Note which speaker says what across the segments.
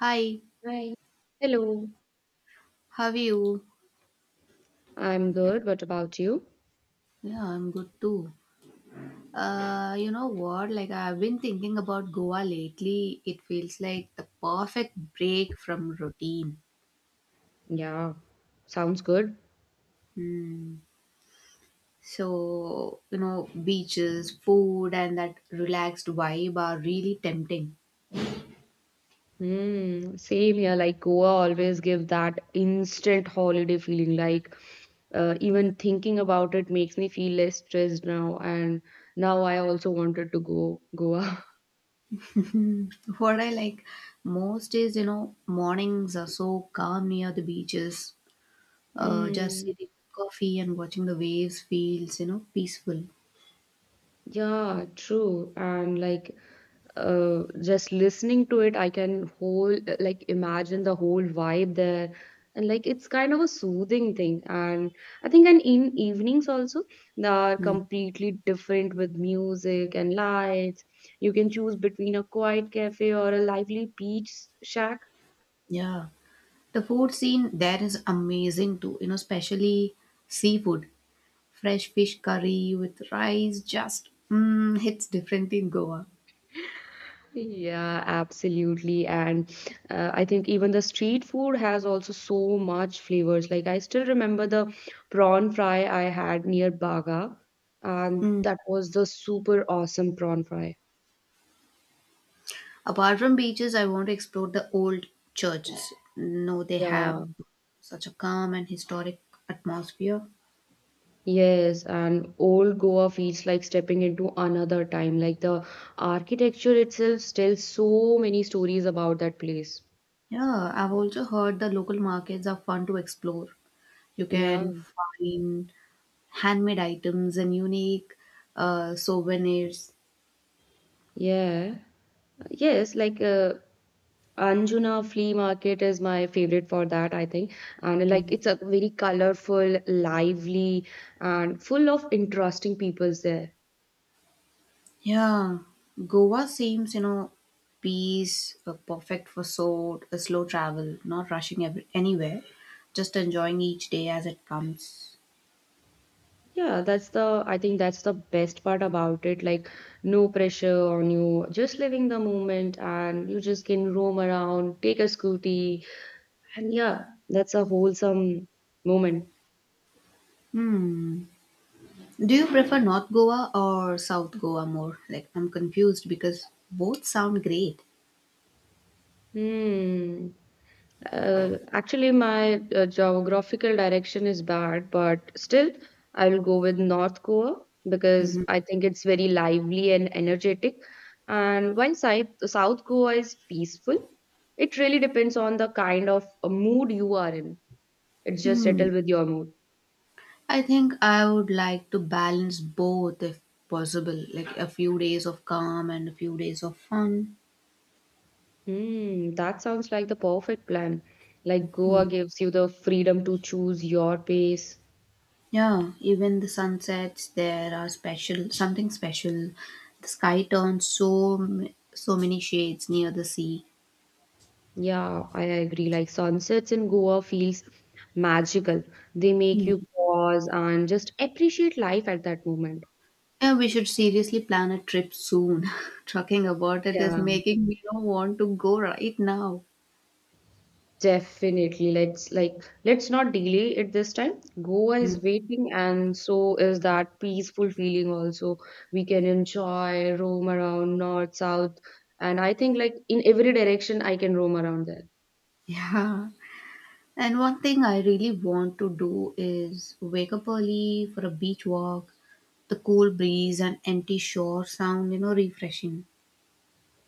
Speaker 1: Hi,
Speaker 2: Hi. Hello.
Speaker 1: how are you?
Speaker 2: I'm good. What about you?
Speaker 1: Yeah, I'm good too. You know what? Like, I've been thinking about Goa lately. It feels like the perfect break from routine.
Speaker 2: Yeah, sounds good.
Speaker 1: Hmm. So, beaches, food, and that relaxed vibe are really tempting.
Speaker 2: Hmm. Same here. Like Goa always give that instant holiday feeling. Like even thinking about it makes me feel less stressed now. And now I also wanted to go Goa.
Speaker 1: What I like most is, mornings are so calm near the beaches. Just
Speaker 2: Hmm.
Speaker 1: sitting with coffee and watching the waves feels, peaceful.
Speaker 2: Yeah, true. And like just listening to it, I can whole like imagine the whole vibe there, and like it's kind of a soothing thing. And I think, and in evenings also they are
Speaker 1: Hmm.
Speaker 2: completely different with music and lights. You can choose between a quiet cafe or a lively beach shack.
Speaker 1: Yeah. The food scene there is amazing too, especially seafood. Fresh fish curry with rice just hits differently in Goa.
Speaker 2: Yeah, absolutely. And I think even the street food has also so much flavors. Like I still remember the prawn fry I had near Baga, and
Speaker 1: Mm.
Speaker 2: that was the super awesome prawn fry.
Speaker 1: Apart from beaches, I want to explore the old churches. No, they have
Speaker 2: Yeah,
Speaker 1: such a calm and historic atmosphere.
Speaker 2: yes, and old Goa feels like stepping into another time. Like the architecture itself tells so many stories about that place.
Speaker 1: Yeah, I've also heard the local markets are fun to explore. You
Speaker 2: Yeah,
Speaker 1: can find handmade items and unique souvenirs.
Speaker 2: yeah, yes. Like Anjuna Flea Market is my favorite for that, I think. And like it's a very colorful, lively, and full of interesting peoples there.
Speaker 1: Yeah, Goa seems, perfect for so slow travel, not rushing anywhere, just enjoying each day as it comes.
Speaker 2: Yeah, that's the I think that's the best part about it. Like no pressure on you, just living the moment, and you just can roam around, take a scooty, and yeah, that's a wholesome moment.
Speaker 1: Do you prefer North Goa or South Goa more? Like, I'm confused because both sound great.
Speaker 2: Hmm. Actually, my geographical direction is bad, but still, I will go with North Goa because I think it's very lively and energetic. And while South Goa is peaceful, it really depends on the kind of mood you are in. It's just
Speaker 1: Hmm.
Speaker 2: settle with your mood.
Speaker 1: I think I would like to balance both if possible, like a few days of calm and a few days of fun.
Speaker 2: Hmm, that sounds like the perfect plan. Like Goa gives you the freedom to choose your pace.
Speaker 1: Yeah, even the sunsets there are special, something special. The sky turns so so many shades near the sea.
Speaker 2: Yeah, I agree. Like sunsets in Goa feels magical. They make
Speaker 1: Hmm.
Speaker 2: you pause and just appreciate life at that moment.
Speaker 1: Yeah, we should seriously plan a trip soon. Talking about it is
Speaker 2: Yeah,
Speaker 1: making me not want to go right now.
Speaker 2: definitely. Let's not delay it this time. Goa is waiting, and so is that peaceful feeling also. We can enjoy, roam around north, south, and I think like in every direction I can roam around there.
Speaker 1: Yeah. And one thing I really want to do is wake up early for a beach walk. The cool breeze and empty shore sound, refreshing.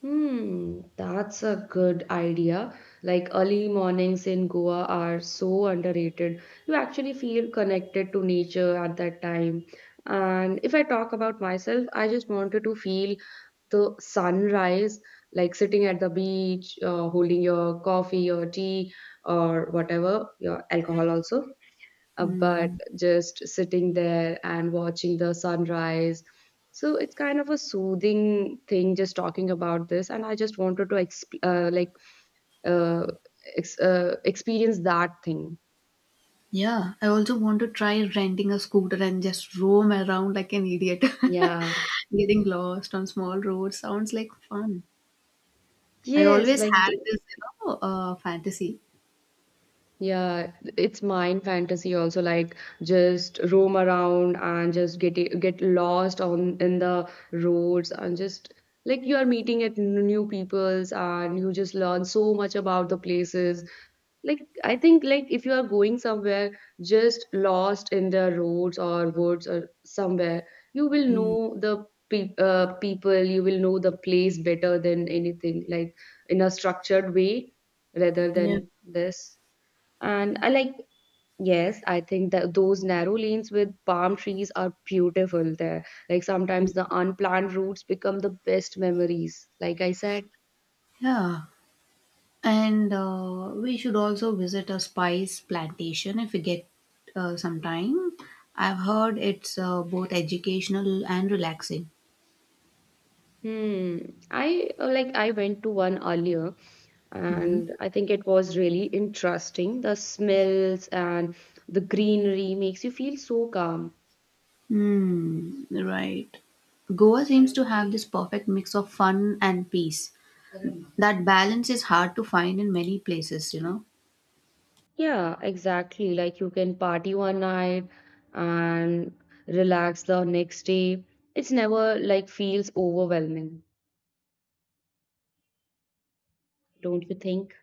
Speaker 2: Hmm, that's a good idea. Like early mornings in Goa are so underrated. You actually feel connected to nature at that time. And if I talk about myself, I just wanted to feel the sunrise, like sitting at the beach, holding your coffee or tea or whatever, your alcohol also but
Speaker 1: Mm.
Speaker 2: just sitting there and watching the sunrise. So it's kind of a soothing thing just talking about this, and I just wanted to uh, experience that thing.
Speaker 1: Yeah, I also want to try renting a scooter and just roam around like an idiot.
Speaker 2: Yeah.
Speaker 1: Getting lost on small roads sounds like fun. I
Speaker 2: Yes,
Speaker 1: always
Speaker 2: like
Speaker 1: had this, fantasy.
Speaker 2: yeah, it's mind fantasy also, like just roam around and just get lost on in the roads, and just like you are meeting at new peoples, and you just learn so much about the places. Like I think, like if you are going somewhere, just lost in the roads or woods or somewhere, you will
Speaker 1: Mm,
Speaker 2: know the people, you will know the place better than anything, like in a structured way rather than
Speaker 1: yeah,
Speaker 2: this. And I like yes, I think that those narrow lanes with palm trees are beautiful there. Like sometimes the unplanned routes become the best memories, like I said.
Speaker 1: yeah. And we should also visit a spice plantation if we get some time. I've heard it's both educational and relaxing.
Speaker 2: Hmm. I went to one earlier,
Speaker 1: Mm-hmm.
Speaker 2: and I think it was really interesting. The smells and the greenery makes you feel so calm.
Speaker 1: Hmm, right. Goa seems to have this perfect mix of fun and peace. That balance is hard to find in many places, you know.
Speaker 2: Yeah, exactly. Like you can party one night and relax the next day. It's never like feels overwhelming, don't you think?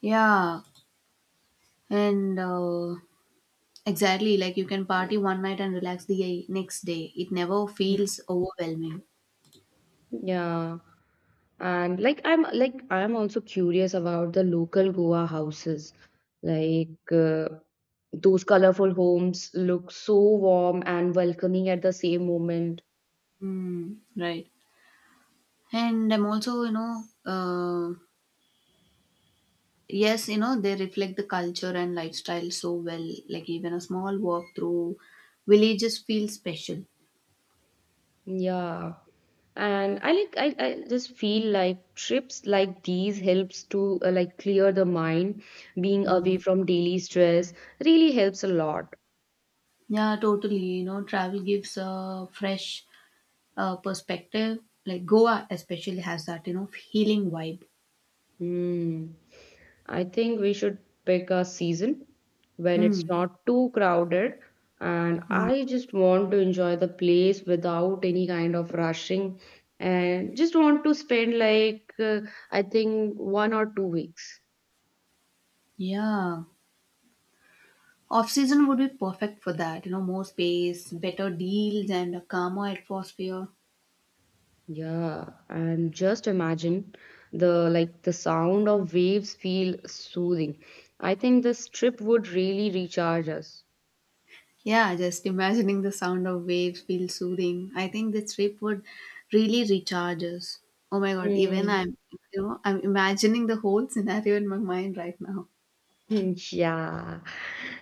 Speaker 1: Yeah. And exactly, like you can party one night and relax the next day. It never feels overwhelming.
Speaker 2: Yeah. And like I'm also curious about the local Goa houses. Like those colorful homes look so warm and welcoming at the same moment.
Speaker 1: Mm, right. And I'm also, yes, they reflect the culture and lifestyle so well. Like even a small walk through villages feels special.
Speaker 2: Yeah, and I just feel like trips like these helps to like clear the mind. Being away
Speaker 1: Mm.
Speaker 2: from daily stress really helps a lot.
Speaker 1: Yeah, totally. You know, travel gives a fresh perspective, like Goa especially has that, healing vibe.
Speaker 2: Hmm. I think we should pick a season when it's
Speaker 1: Mm,
Speaker 2: not too crowded, and
Speaker 1: mm,
Speaker 2: I just want to enjoy the place without any kind of rushing, and just want to spend like I think 1 or 2 weeks.
Speaker 1: yeah. Off season would be perfect for that, more space, better deals, and a calmer atmosphere.
Speaker 2: Yeah, and just imagine the sound of waves feel soothing. I think this trip would really recharge us.
Speaker 1: Yeah, just imagining the sound of waves feels soothing. I think this trip would really recharge us. Oh my god, even
Speaker 2: Mm.
Speaker 1: I'm, I'm imagining the whole scenario in my mind right now.
Speaker 2: Hmm. Yeah,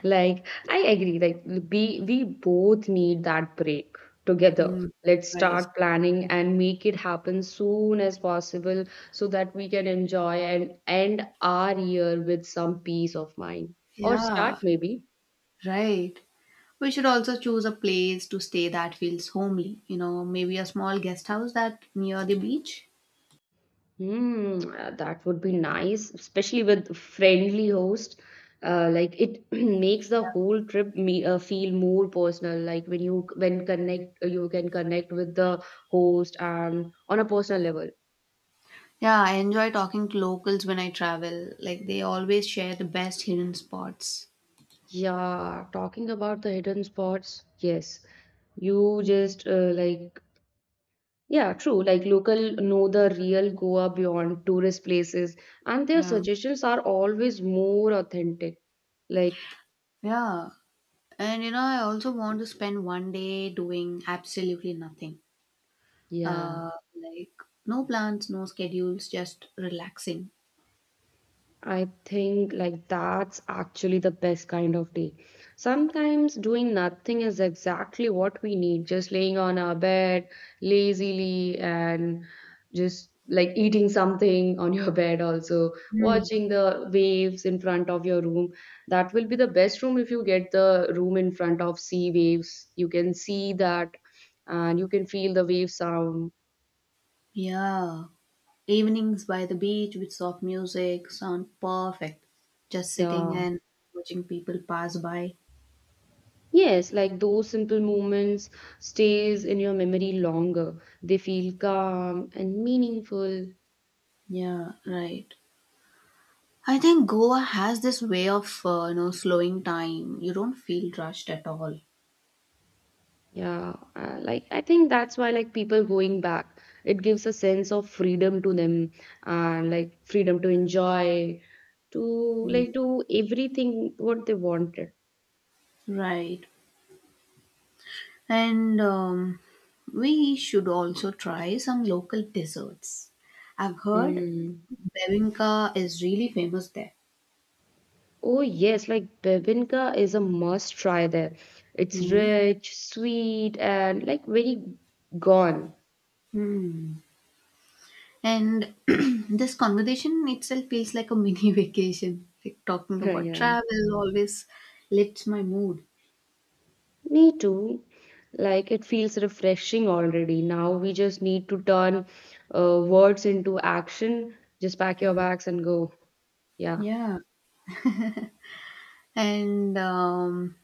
Speaker 2: like I agree. Like we both need that break together.
Speaker 1: Mm,
Speaker 2: Let's
Speaker 1: right.
Speaker 2: start planning and make it happen soon as possible so that we can enjoy and end our year with some peace of mind. Or start,
Speaker 1: Yeah,
Speaker 2: maybe.
Speaker 1: right. We should also choose a place to stay that feels homely, maybe a small guest house that near the beach.
Speaker 2: That would be nice, especially with friendly host. Like it makes the whole trip me feel more personal. Like when you can connect with the host and on a personal level.
Speaker 1: Yeah, I enjoy talking to locals when I travel. Like they always share the best hidden spots.
Speaker 2: Yeah, talking about the hidden spots, yes, you just like yeah, true. Like local know the real Goa beyond tourist places, and their
Speaker 1: Yeah.
Speaker 2: suggestions are always more authentic. Like
Speaker 1: Yeah. And you know, I also want to spend one day doing absolutely nothing.
Speaker 2: yeah.
Speaker 1: Uh like no plans, no schedules, just relaxing.
Speaker 2: I think like that's actually the best kind of day. Sometimes doing nothing is exactly what we need, just laying on our bed lazily and just like eating something on your bed also,
Speaker 1: Hmm.
Speaker 2: watching the waves in front of your room. That will be the best room if you get the room in front of sea waves. You can see that and you can feel the wave sound.
Speaker 1: Yeah. Evenings by the beach with soft music sound perfect. Just sitting
Speaker 2: Yeah.
Speaker 1: and watching people pass by.
Speaker 2: Yes, like those simple moments stays in your memory longer. They feel calm and meaningful.
Speaker 1: Yeah, right. I think Goa has this way of slowing time. You don't feel rushed at all.
Speaker 2: Yeah, like I think that's why like people going back, it gives a sense of freedom to them and like freedom to enjoy, to
Speaker 1: Mm.
Speaker 2: like do everything what they wanted.
Speaker 1: Right. And we should also try some local desserts. I've heard
Speaker 2: Mm.
Speaker 1: Bevinka is really famous there.
Speaker 2: Oh yes, like bebinka is a must try there. It's
Speaker 1: Mm.
Speaker 2: rich, sweet, and like very gone.
Speaker 1: Hmm. And this conversation itself feels like a mini vacation. Like talking about
Speaker 2: Yeah.
Speaker 1: travel always lifts my mood.
Speaker 2: Me too. Like it feels refreshing already. Now we just need to turn words into action. Just pack your bags and go. Yeah,
Speaker 1: Yeah. And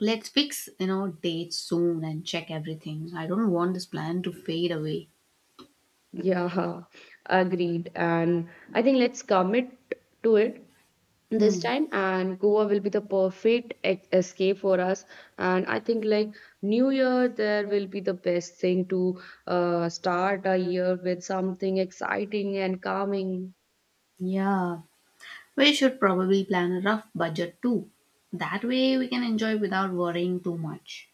Speaker 1: let's fix, dates soon and check everything. I don't want this plan to fade away.
Speaker 2: yeah, agreed. And I think let's commit to it this
Speaker 1: Hmm.
Speaker 2: time. And Goa will be the perfect e escape for us. And I think like New Year, there will be the best thing to start a year with something exciting and calming.
Speaker 1: Yeah. We should probably plan a rough budget too. That way we can enjoy without worrying too much.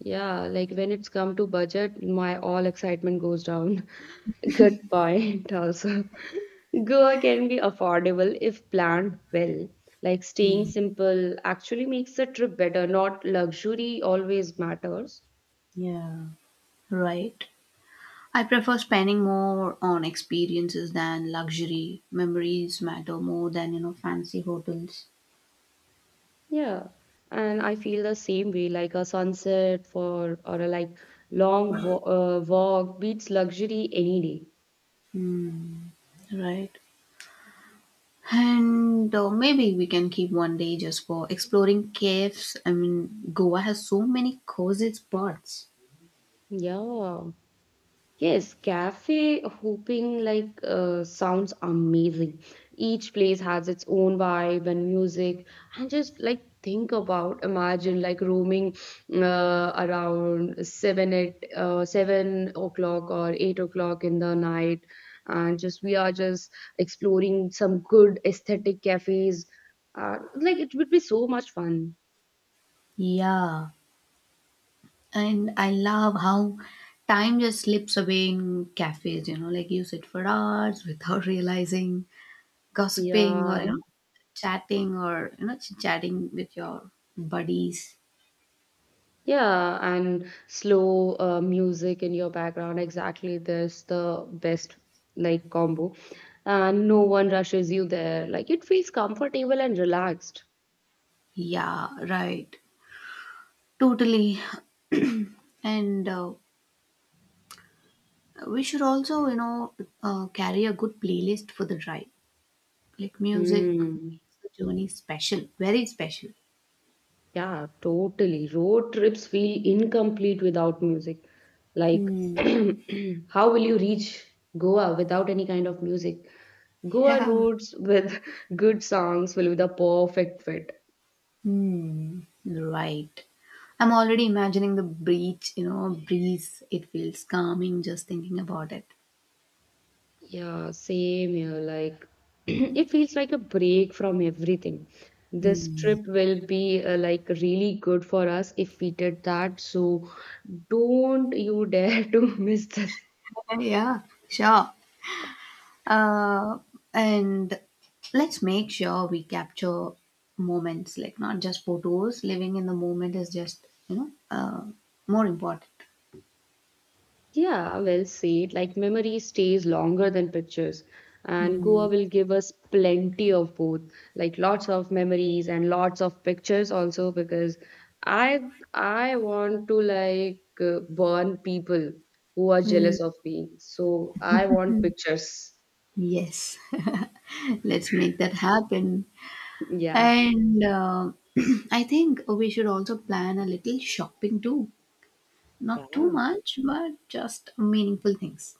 Speaker 2: Yeah, like when it's come to budget, my all excitement goes down. Good point, also. Goa can be affordable if planned well. Like staying
Speaker 1: Hmm.
Speaker 2: simple actually makes the trip better, not luxury always matters.
Speaker 1: Yeah. Right. I prefer spending more on experiences than luxury. Memories matter more than fancy hotels.
Speaker 2: Yeah. And I feel the same way, like a sunset for or a long walk beats luxury any day.
Speaker 1: Hmm, right. And maybe we can keep one day just for exploring caves. I mean, Goa has so many cozy spots.
Speaker 2: Yeah. Yes, cafe hooping like sounds amazing. Each place has its own vibe and music, and just like think about, imagine like roaming around 7 o'clock or 8 o'clock in the night, and just we are just exploring some good aesthetic cafes. Like it would be so much fun.
Speaker 1: Yeah, and I love how time just slips away in cafes. You know, like you sit for hours without realizing, gossiping or
Speaker 2: Yeah.
Speaker 1: chatting or chit chatting with your buddies.
Speaker 2: Yeah, and slow music in your background. Exactly, that's the best like combo. And no one rushes you there. Like it feels comfortable and relaxed.
Speaker 1: Yeah, right. Totally. And we should also, carry a good playlist for the drive. Like music
Speaker 2: Hmm.
Speaker 1: makes the journey special, very special.
Speaker 2: Yeah, totally. Road trips feel incomplete without music. Like,
Speaker 1: Hmm.
Speaker 2: how will you reach Goa without any kind of music? Goa
Speaker 1: Yeah.
Speaker 2: roads with good songs will be the perfect fit.
Speaker 1: Hmm. Right. I'm already imagining the beach, breeze. It feels calming just thinking about it.
Speaker 2: Yeah, same here. Like, it feels like a break from everything. This
Speaker 1: Hmm.
Speaker 2: trip will be like really good for us if we did that. So, don't you dare to miss this.
Speaker 1: Yeah, sure. uh, and let's make sure we capture moments, like not just photos. Living in the moment is just more important.
Speaker 2: Yeah, well said. Like memory stays longer than pictures, and
Speaker 1: Mm,
Speaker 2: Goa will give us plenty of both, like lots of memories and lots of pictures also because I I want to like burn people who are
Speaker 1: mm,
Speaker 2: jealous of me. So I want pictures.
Speaker 1: yes. Let's make that happen,
Speaker 2: Yeah.
Speaker 1: and I think we should also plan a little shopping too. Not too
Speaker 2: Yeah.
Speaker 1: much, but just meaningful things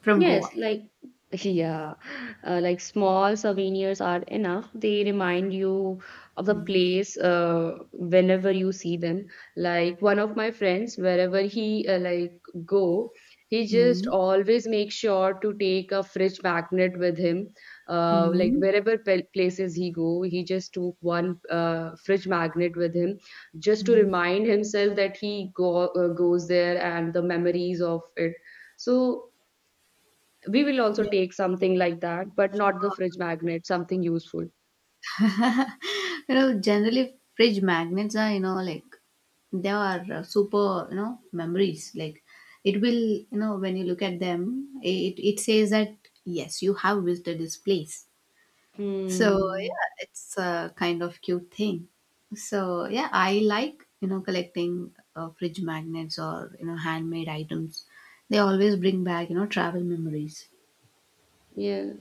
Speaker 1: from Goa.
Speaker 2: Yes, like yeah, like small souvenirs are enough. They remind you of the
Speaker 1: Mm.
Speaker 2: place whenever you see them. Like one of my friends, wherever he like go, he just
Speaker 1: Mm.
Speaker 2: always makes sure to take a fridge magnet with him. Like
Speaker 1: Mm.
Speaker 2: wherever places he go, he just took one fridge magnet with him, just to
Speaker 1: Mm.
Speaker 2: remind himself that he go goes there and the memories of it. So we will also
Speaker 1: Yeah,
Speaker 2: take something like that, but
Speaker 1: sure.
Speaker 2: not the fridge magnet, something useful.
Speaker 1: You know, generally fridge magnets are, like they are super, memories. Like it will, when you look at them, it says that yes, you have visited this place. So
Speaker 2: Hmm.
Speaker 1: yeah, it's a kind of cute thing. So yeah, I like, collecting fridge magnets or, handmade items. They always bring back, travel memories.
Speaker 2: Yes.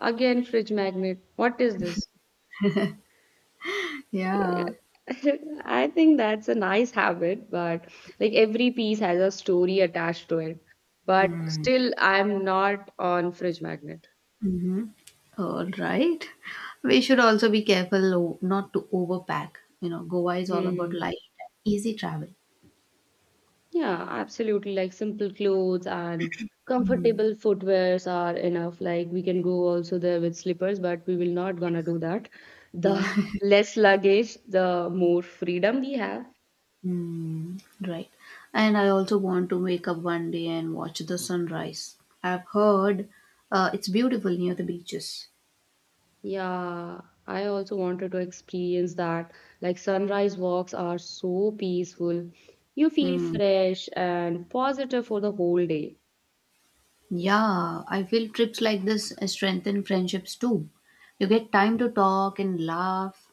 Speaker 2: Again, fridge magnet. What is this? Yeah.
Speaker 1: Yeah.
Speaker 2: I think that's a nice habit, but like every piece has a story attached to it. But
Speaker 1: Mm.
Speaker 2: still, I'm not on fridge magnet.
Speaker 1: Mm-hmm. All right. We should also be careful not to overpack. You know, Goa is all about
Speaker 2: Hmm.
Speaker 1: light, easy travel.
Speaker 2: Yeah, absolutely. Like simple clothes and
Speaker 1: Mm.
Speaker 2: comfortable footwears are enough. Like we can go also there with slippers, but we will not gonna
Speaker 1: Yes.
Speaker 2: do that.
Speaker 1: Yeah.
Speaker 2: The less luggage, the more freedom we have.
Speaker 1: Mm. Right. And I also want to wake up one day and watch the sunrise. I've heard it's beautiful near the beaches.
Speaker 2: Yeah, I also wanted to experience that. Like sunrise walks are so peaceful. You feel
Speaker 1: Mm.
Speaker 2: fresh and positive for the whole day.
Speaker 1: Yeah, I feel trips like this strengthen friendships too. You get time to talk and laugh.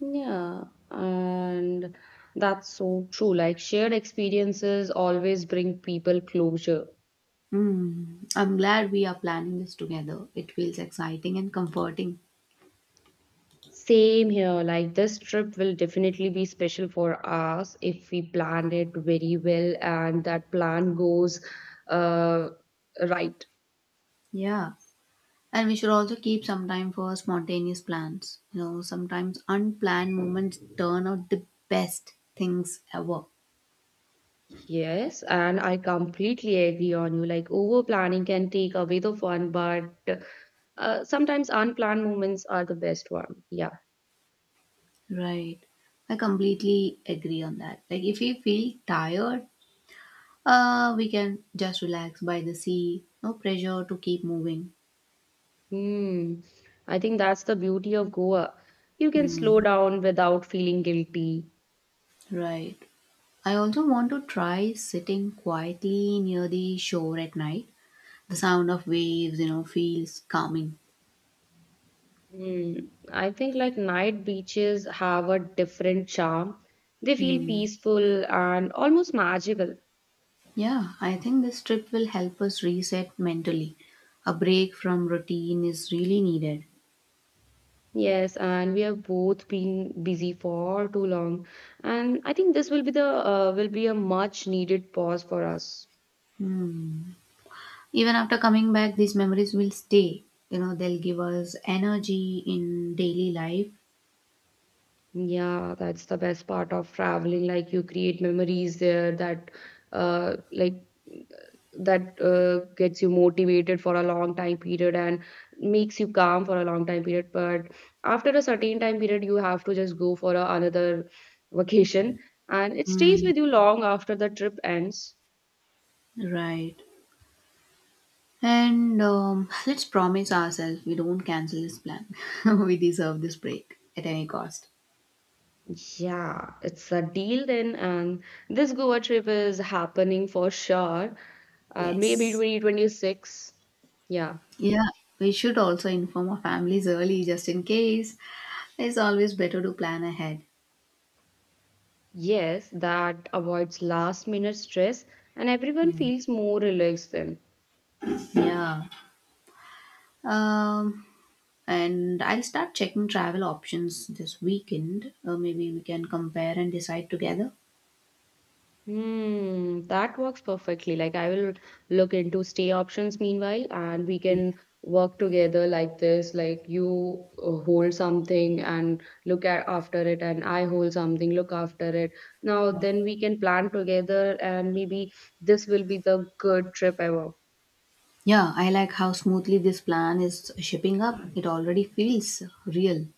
Speaker 2: Yeah, and that's so true. Like shared experiences always bring people closure.
Speaker 1: Hmm. I'm glad we are planning this together. It feels exciting and comforting.
Speaker 2: Same here, like this trip will definitely be special for us if we planned it very well and that plan goes uh, right.
Speaker 1: Yeah. And we should also keep some time for spontaneous plans. You know, sometimes unplanned moments turn out the best things ever.
Speaker 2: Yes, and I completely agree on you. Like over planning can take away the fun, but sometimes unplanned moments are the best one. Yeah.
Speaker 1: Right. I completely agree on that. Like, if we feel tired, we can just relax by the sea. No pressure to keep moving.
Speaker 2: Hmm. I think that's the beauty of Goa. You can slow
Speaker 1: Hmm.
Speaker 2: down without feeling guilty.
Speaker 1: Right. I also want to try sitting quietly near the shore at night. The sound of waves, feels calming.
Speaker 2: Mm, I think like night beaches have a different charm. They feel
Speaker 1: Hmm.
Speaker 2: peaceful and almost magical.
Speaker 1: Yeah, I think this trip will help us reset mentally. A break from routine is really needed.
Speaker 2: Yes, and we have both been busy for too long. And I think this will be the will be a much needed pause for us.
Speaker 1: Hmm. Even after coming back, these memories will stay. You know, they'll give us energy in daily life.
Speaker 2: Yeah, that's the best part of traveling. Like you create memories there uh, like that gets you motivated for a long time period and makes you calm for a long time period. But after a certain time period, you have to just go for another vacation, and it stays
Speaker 1: Hmm.
Speaker 2: with you long after the trip ends.
Speaker 1: Right. And let's promise ourselves we don't cancel this plan. We deserve this break at any cost.
Speaker 2: Yeah, it's a deal then, and this Goa trip is happening for sure. Maybe
Speaker 1: Yes.
Speaker 2: 2026. Yeah.
Speaker 1: Yeah, we should also inform our families early just in case. It's always better to plan ahead.
Speaker 2: Yes, that avoids last minute stress and everyone
Speaker 1: Mm.
Speaker 2: feels more relaxed then.
Speaker 1: Yeah. Um, and I'll start checking travel options this weekend. Maybe we can compare and decide together.
Speaker 2: Hmm, that works perfectly. Like I will look into stay options meanwhile and we can work together like this. Like you hold something and look at after it and I hold something, look after it. Now
Speaker 1: Yeah.
Speaker 2: then we can plan together and maybe this will be the good trip ever.
Speaker 1: Yeah, I like how smoothly this plan is shipping up. It already feels real.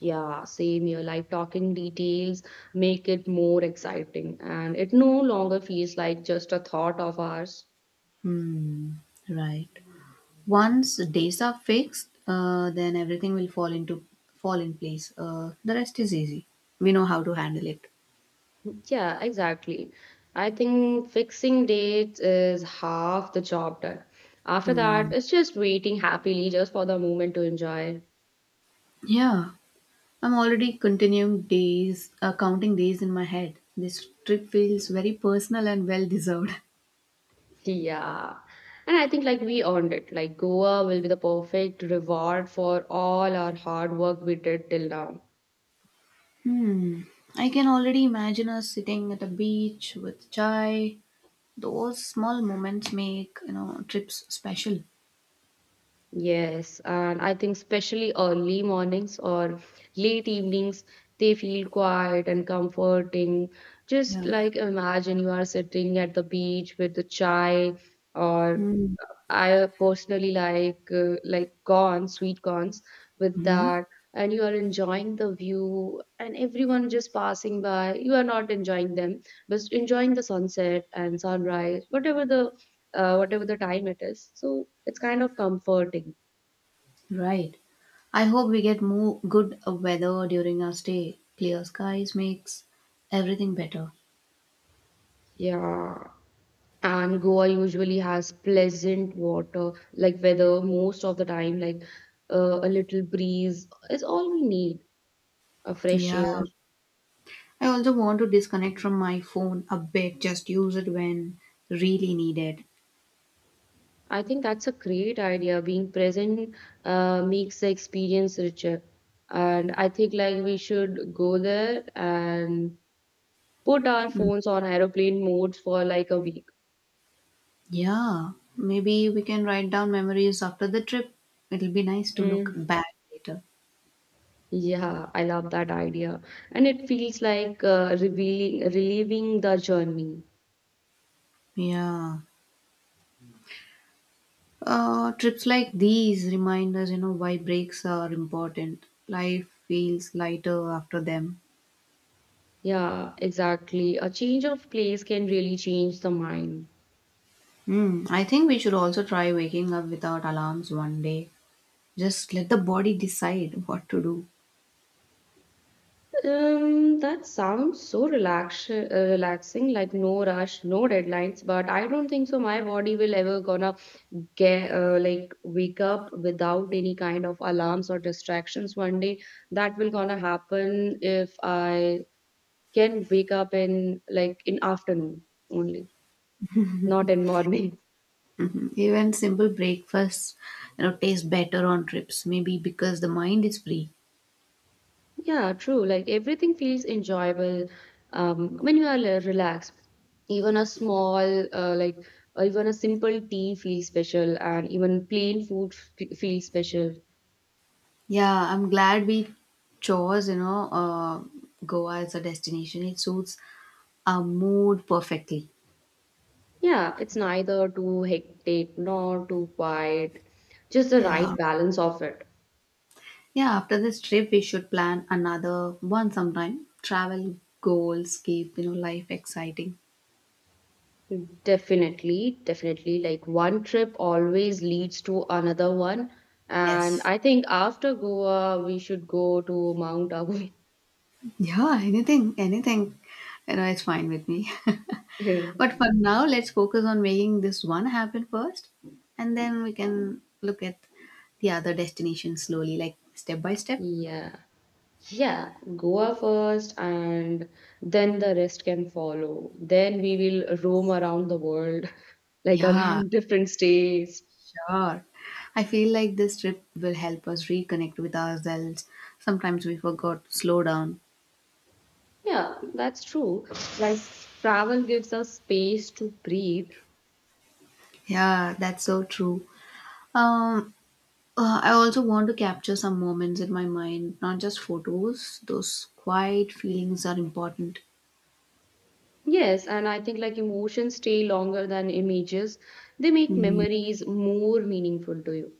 Speaker 2: Yeah, same here. Like talking details make it more exciting and it no longer feels like just a thought of ours.
Speaker 1: Hmm. Right. Once the days are fixed, then everything will fall in place. The rest is easy. We know how to handle it.
Speaker 2: Yeah, exactly. I think fixing dates is half the job done. After
Speaker 1: Hmm.
Speaker 2: that, it's just waiting happily just for the moment to enjoy.
Speaker 1: Yeah, I'm already counting days in my head. This trip feels very personal and well deserved.
Speaker 2: Yeah. And I think like we earned it. Like Goa will be the perfect reward for all our hard work we did till now.
Speaker 1: Hmm. I can already imagine us sitting at a beach with chai. Those small moments make trips special.
Speaker 2: Yes, and I think especially early mornings or late evenings, they feel quiet and comforting. Just
Speaker 1: Yeah.
Speaker 2: like imagine you are sitting at the beach with the chai, or
Speaker 1: Hmm.
Speaker 2: I personally like corns, sweet corns with
Speaker 1: Hmm.
Speaker 2: that, and you are enjoying the view, and everyone just passing by. You are not enjoying them, but enjoying the sunset and sunrise, whatever the whatever the time it is. So it's kind of comforting.
Speaker 1: Right. I hope we get more good weather during our stay. Clear skies makes everything better.
Speaker 2: Yeah, and Goa usually has pleasant water, like weather most of the time, like a little breeze is all we need, a fresh
Speaker 1: Yeah.
Speaker 2: air.
Speaker 1: I also want to disconnect from my phone a bit, just use it when really needed.
Speaker 2: I think that's a great idea. Being present makes the experience richer. And I think like we should go there and put our
Speaker 1: Mm.
Speaker 2: phones on aeroplane modes for like a week.
Speaker 1: Yeah, maybe we can write down memories after the trip. It'll be nice to look
Speaker 2: Mm.
Speaker 1: back later.
Speaker 2: Yeah, I love that idea. And it feels like relieving the journey.
Speaker 1: Yeah. Trips like these remind us, why breaks are important. Life feels lighter after them.
Speaker 2: Yeah, exactly. A change of place can really change the mind.
Speaker 1: Hmm. I think we should also try waking up without alarms one day. Just let the body decide what to do.
Speaker 2: That sounds so relaxing, like no rush, no deadlines. But I don't think so. My body will ever gonna get like wake up without any kind of alarms or distractions one day. That will gonna happen if I can wake up in like in afternoon only, not in morning.
Speaker 1: Even simple breakfasts, taste better on trips. Maybe because the mind is free.
Speaker 2: Yeah, true. Like everything feels enjoyable when you are relaxed. Even a small, uh, like or even a simple tea feels special, and even plain food feels special.
Speaker 1: Yeah, I'm glad we chose, Goa as a destination. It suits our mood perfectly.
Speaker 2: Yeah, it's neither too hectic nor too quiet, just the
Speaker 1: Yeah.
Speaker 2: right balance of it.
Speaker 1: Yeah, after this trip, we should plan another one sometime. Travel goals keep, life exciting.
Speaker 2: Definitely. Like one trip always leads to another one, and
Speaker 1: Yes.
Speaker 2: I think after Goa, we should go to Mount Abu.
Speaker 1: Yeah, anything, anything. You know, it's fine with me.
Speaker 2: Yeah.
Speaker 1: But for now, let's focus on making this one happen first, and then we can look at the other destination slowly, like step by step.
Speaker 2: Yeah. Yeah, Goa first, and then the rest can follow. Then we will roam around the world, like
Speaker 1: Yeah,
Speaker 2: around different states.
Speaker 1: sure. I feel like this trip will help us reconnect with ourselves. Sometimes we forgot to slow down.
Speaker 2: Yeah, that's true. Like travel gives us space to breathe.
Speaker 1: Yeah, that's so true. Um, I also want to capture some moments in my mind, not just photos. Those quiet feelings are important.
Speaker 2: Yes, and I think like emotions stay longer than images. They make
Speaker 1: Hmm.
Speaker 2: memories more meaningful to you.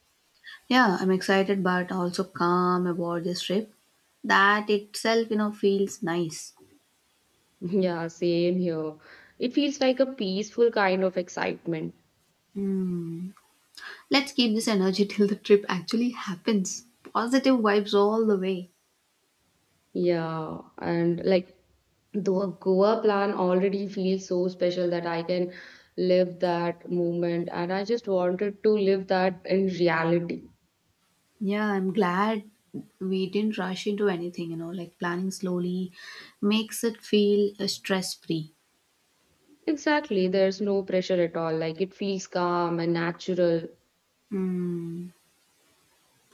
Speaker 1: Yeah, I'm excited but also calm about this trip. That itself, feels nice.
Speaker 2: Yeah, same here. It feels like a peaceful kind of excitement.
Speaker 1: Hmm. Let's keep this energy till the trip actually happens. Positive vibes all the way.
Speaker 2: Yeah, and like the Goa plan already feels so special that I can live that moment, and I just wanted to live that in reality.
Speaker 1: Yeah, I'm glad we didn't rush into anything, like planning slowly makes it feel stress free.
Speaker 2: Exactly, there's no pressure at all. Like it feels calm and natural.
Speaker 1: Hmm.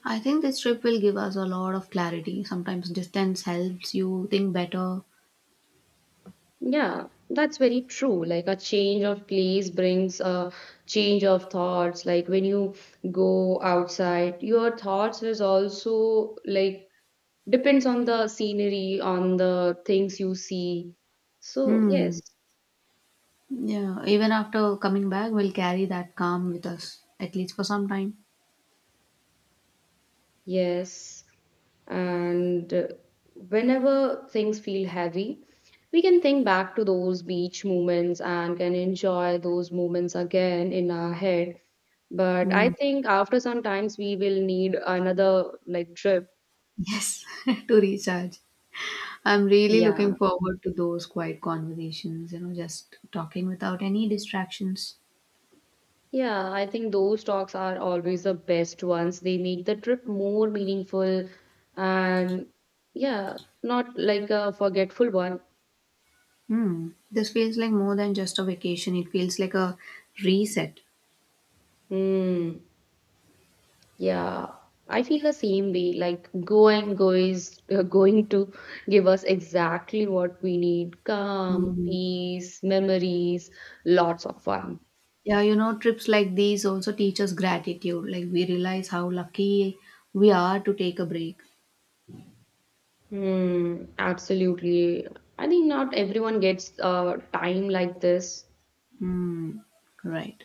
Speaker 1: I think this trip will give us a lot of clarity. Sometimes distance helps you think better.
Speaker 2: Yeah, that's very true. Like a change of place brings a change of thoughts. Like when you go outside, your thoughts is also like depends on the scenery, on the things you see. So,
Speaker 1: Hmm. Yeah, even after coming back, we'll carry that calm with us, at least for some time.
Speaker 2: yes. And whenever things feel heavy, we can think back to those beach moments and can enjoy those moments again in our head. But I
Speaker 1: Hmm.
Speaker 2: think after some times we will need another like trip.
Speaker 1: Yes, to recharge. I'm really looking
Speaker 2: Yeah.
Speaker 1: forward to those quiet conversations, just talking without any distractions.
Speaker 2: Yeah, I think those talks are always the best ones. They make the trip more meaningful and yeah, not like a forgetful one.
Speaker 1: Hmm. This feels like more than just a vacation, it feels like a reset.
Speaker 2: Hmm. Yeah, I feel the same way. Like going go is going to give us exactly what we need: calm,
Speaker 1: Mm.
Speaker 2: peace, memories, lots of fun.
Speaker 1: Yeah, you know, trips like these also teach us gratitude. Like, we realize how lucky we are to take a break.
Speaker 2: Hmm. Absolutely. I think not everyone gets time like this.
Speaker 1: Hmm. Right.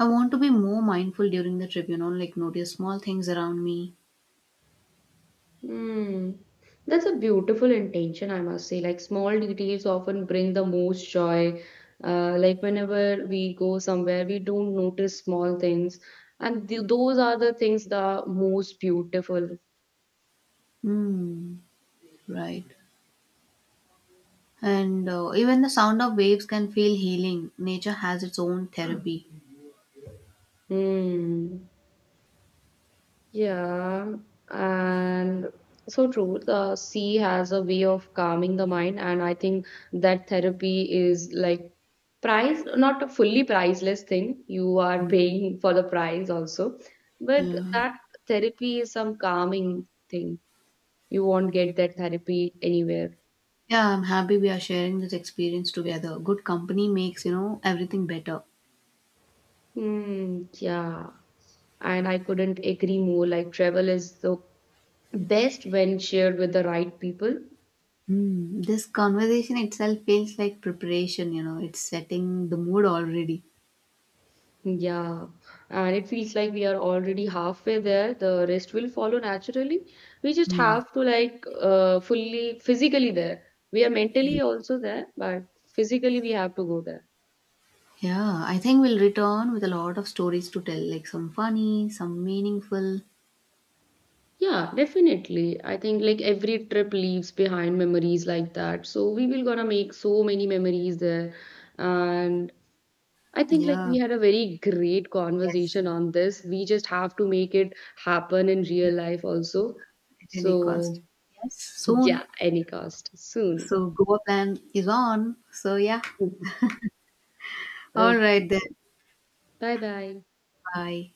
Speaker 1: I want to be more mindful during the trip, like notice small things around me.
Speaker 2: Hmm. That's a beautiful intention, I must say. Like small details often bring the most joy. Like whenever we go somewhere, we don't notice small things, and th those are the things that are most beautiful.
Speaker 1: Hmm, right. And even the sound of waves can feel healing. Nature has its own therapy.
Speaker 2: Hmm. Yeah, and so true. The sea has a way of calming the mind, and I think that therapy is like price, not a fully priceless thing. You are paying for the price also, but
Speaker 1: Yeah.
Speaker 2: that therapy is some calming thing. You won't get that therapy anywhere.
Speaker 1: Yeah, I'm happy we are sharing this experience together. Good company makes, everything better.
Speaker 2: Hmm, yeah, and I couldn't agree more. Like travel is the best when shared with the right people.
Speaker 1: Hmm. This conversation itself feels like preparation, it's setting the mood already.
Speaker 2: Yeah, and it feels like we are already halfway there. The rest will follow naturally. We just
Speaker 1: Hmm.
Speaker 2: have to like fully physically there. We are mentally also there, but physically we have to go there.
Speaker 1: Yeah, I think we'll return with a lot of stories to tell, like some funny, some meaningful.
Speaker 2: Yeah, definitely. I think like every trip leaves behind memories like that. So we will gonna make so many memories there. And I think like
Speaker 1: Yeah.
Speaker 2: we had a very great
Speaker 1: Yes.
Speaker 2: conversation on this. We just have to make it happen in real life also.
Speaker 1: At any cost.
Speaker 2: So
Speaker 1: Yes,
Speaker 2: yeah,
Speaker 1: soon.
Speaker 2: any cost. Soon.
Speaker 1: So, Goa plan is on. So, yeah. All
Speaker 2: Okay.
Speaker 1: right then.
Speaker 2: Bye bye.
Speaker 1: Bye.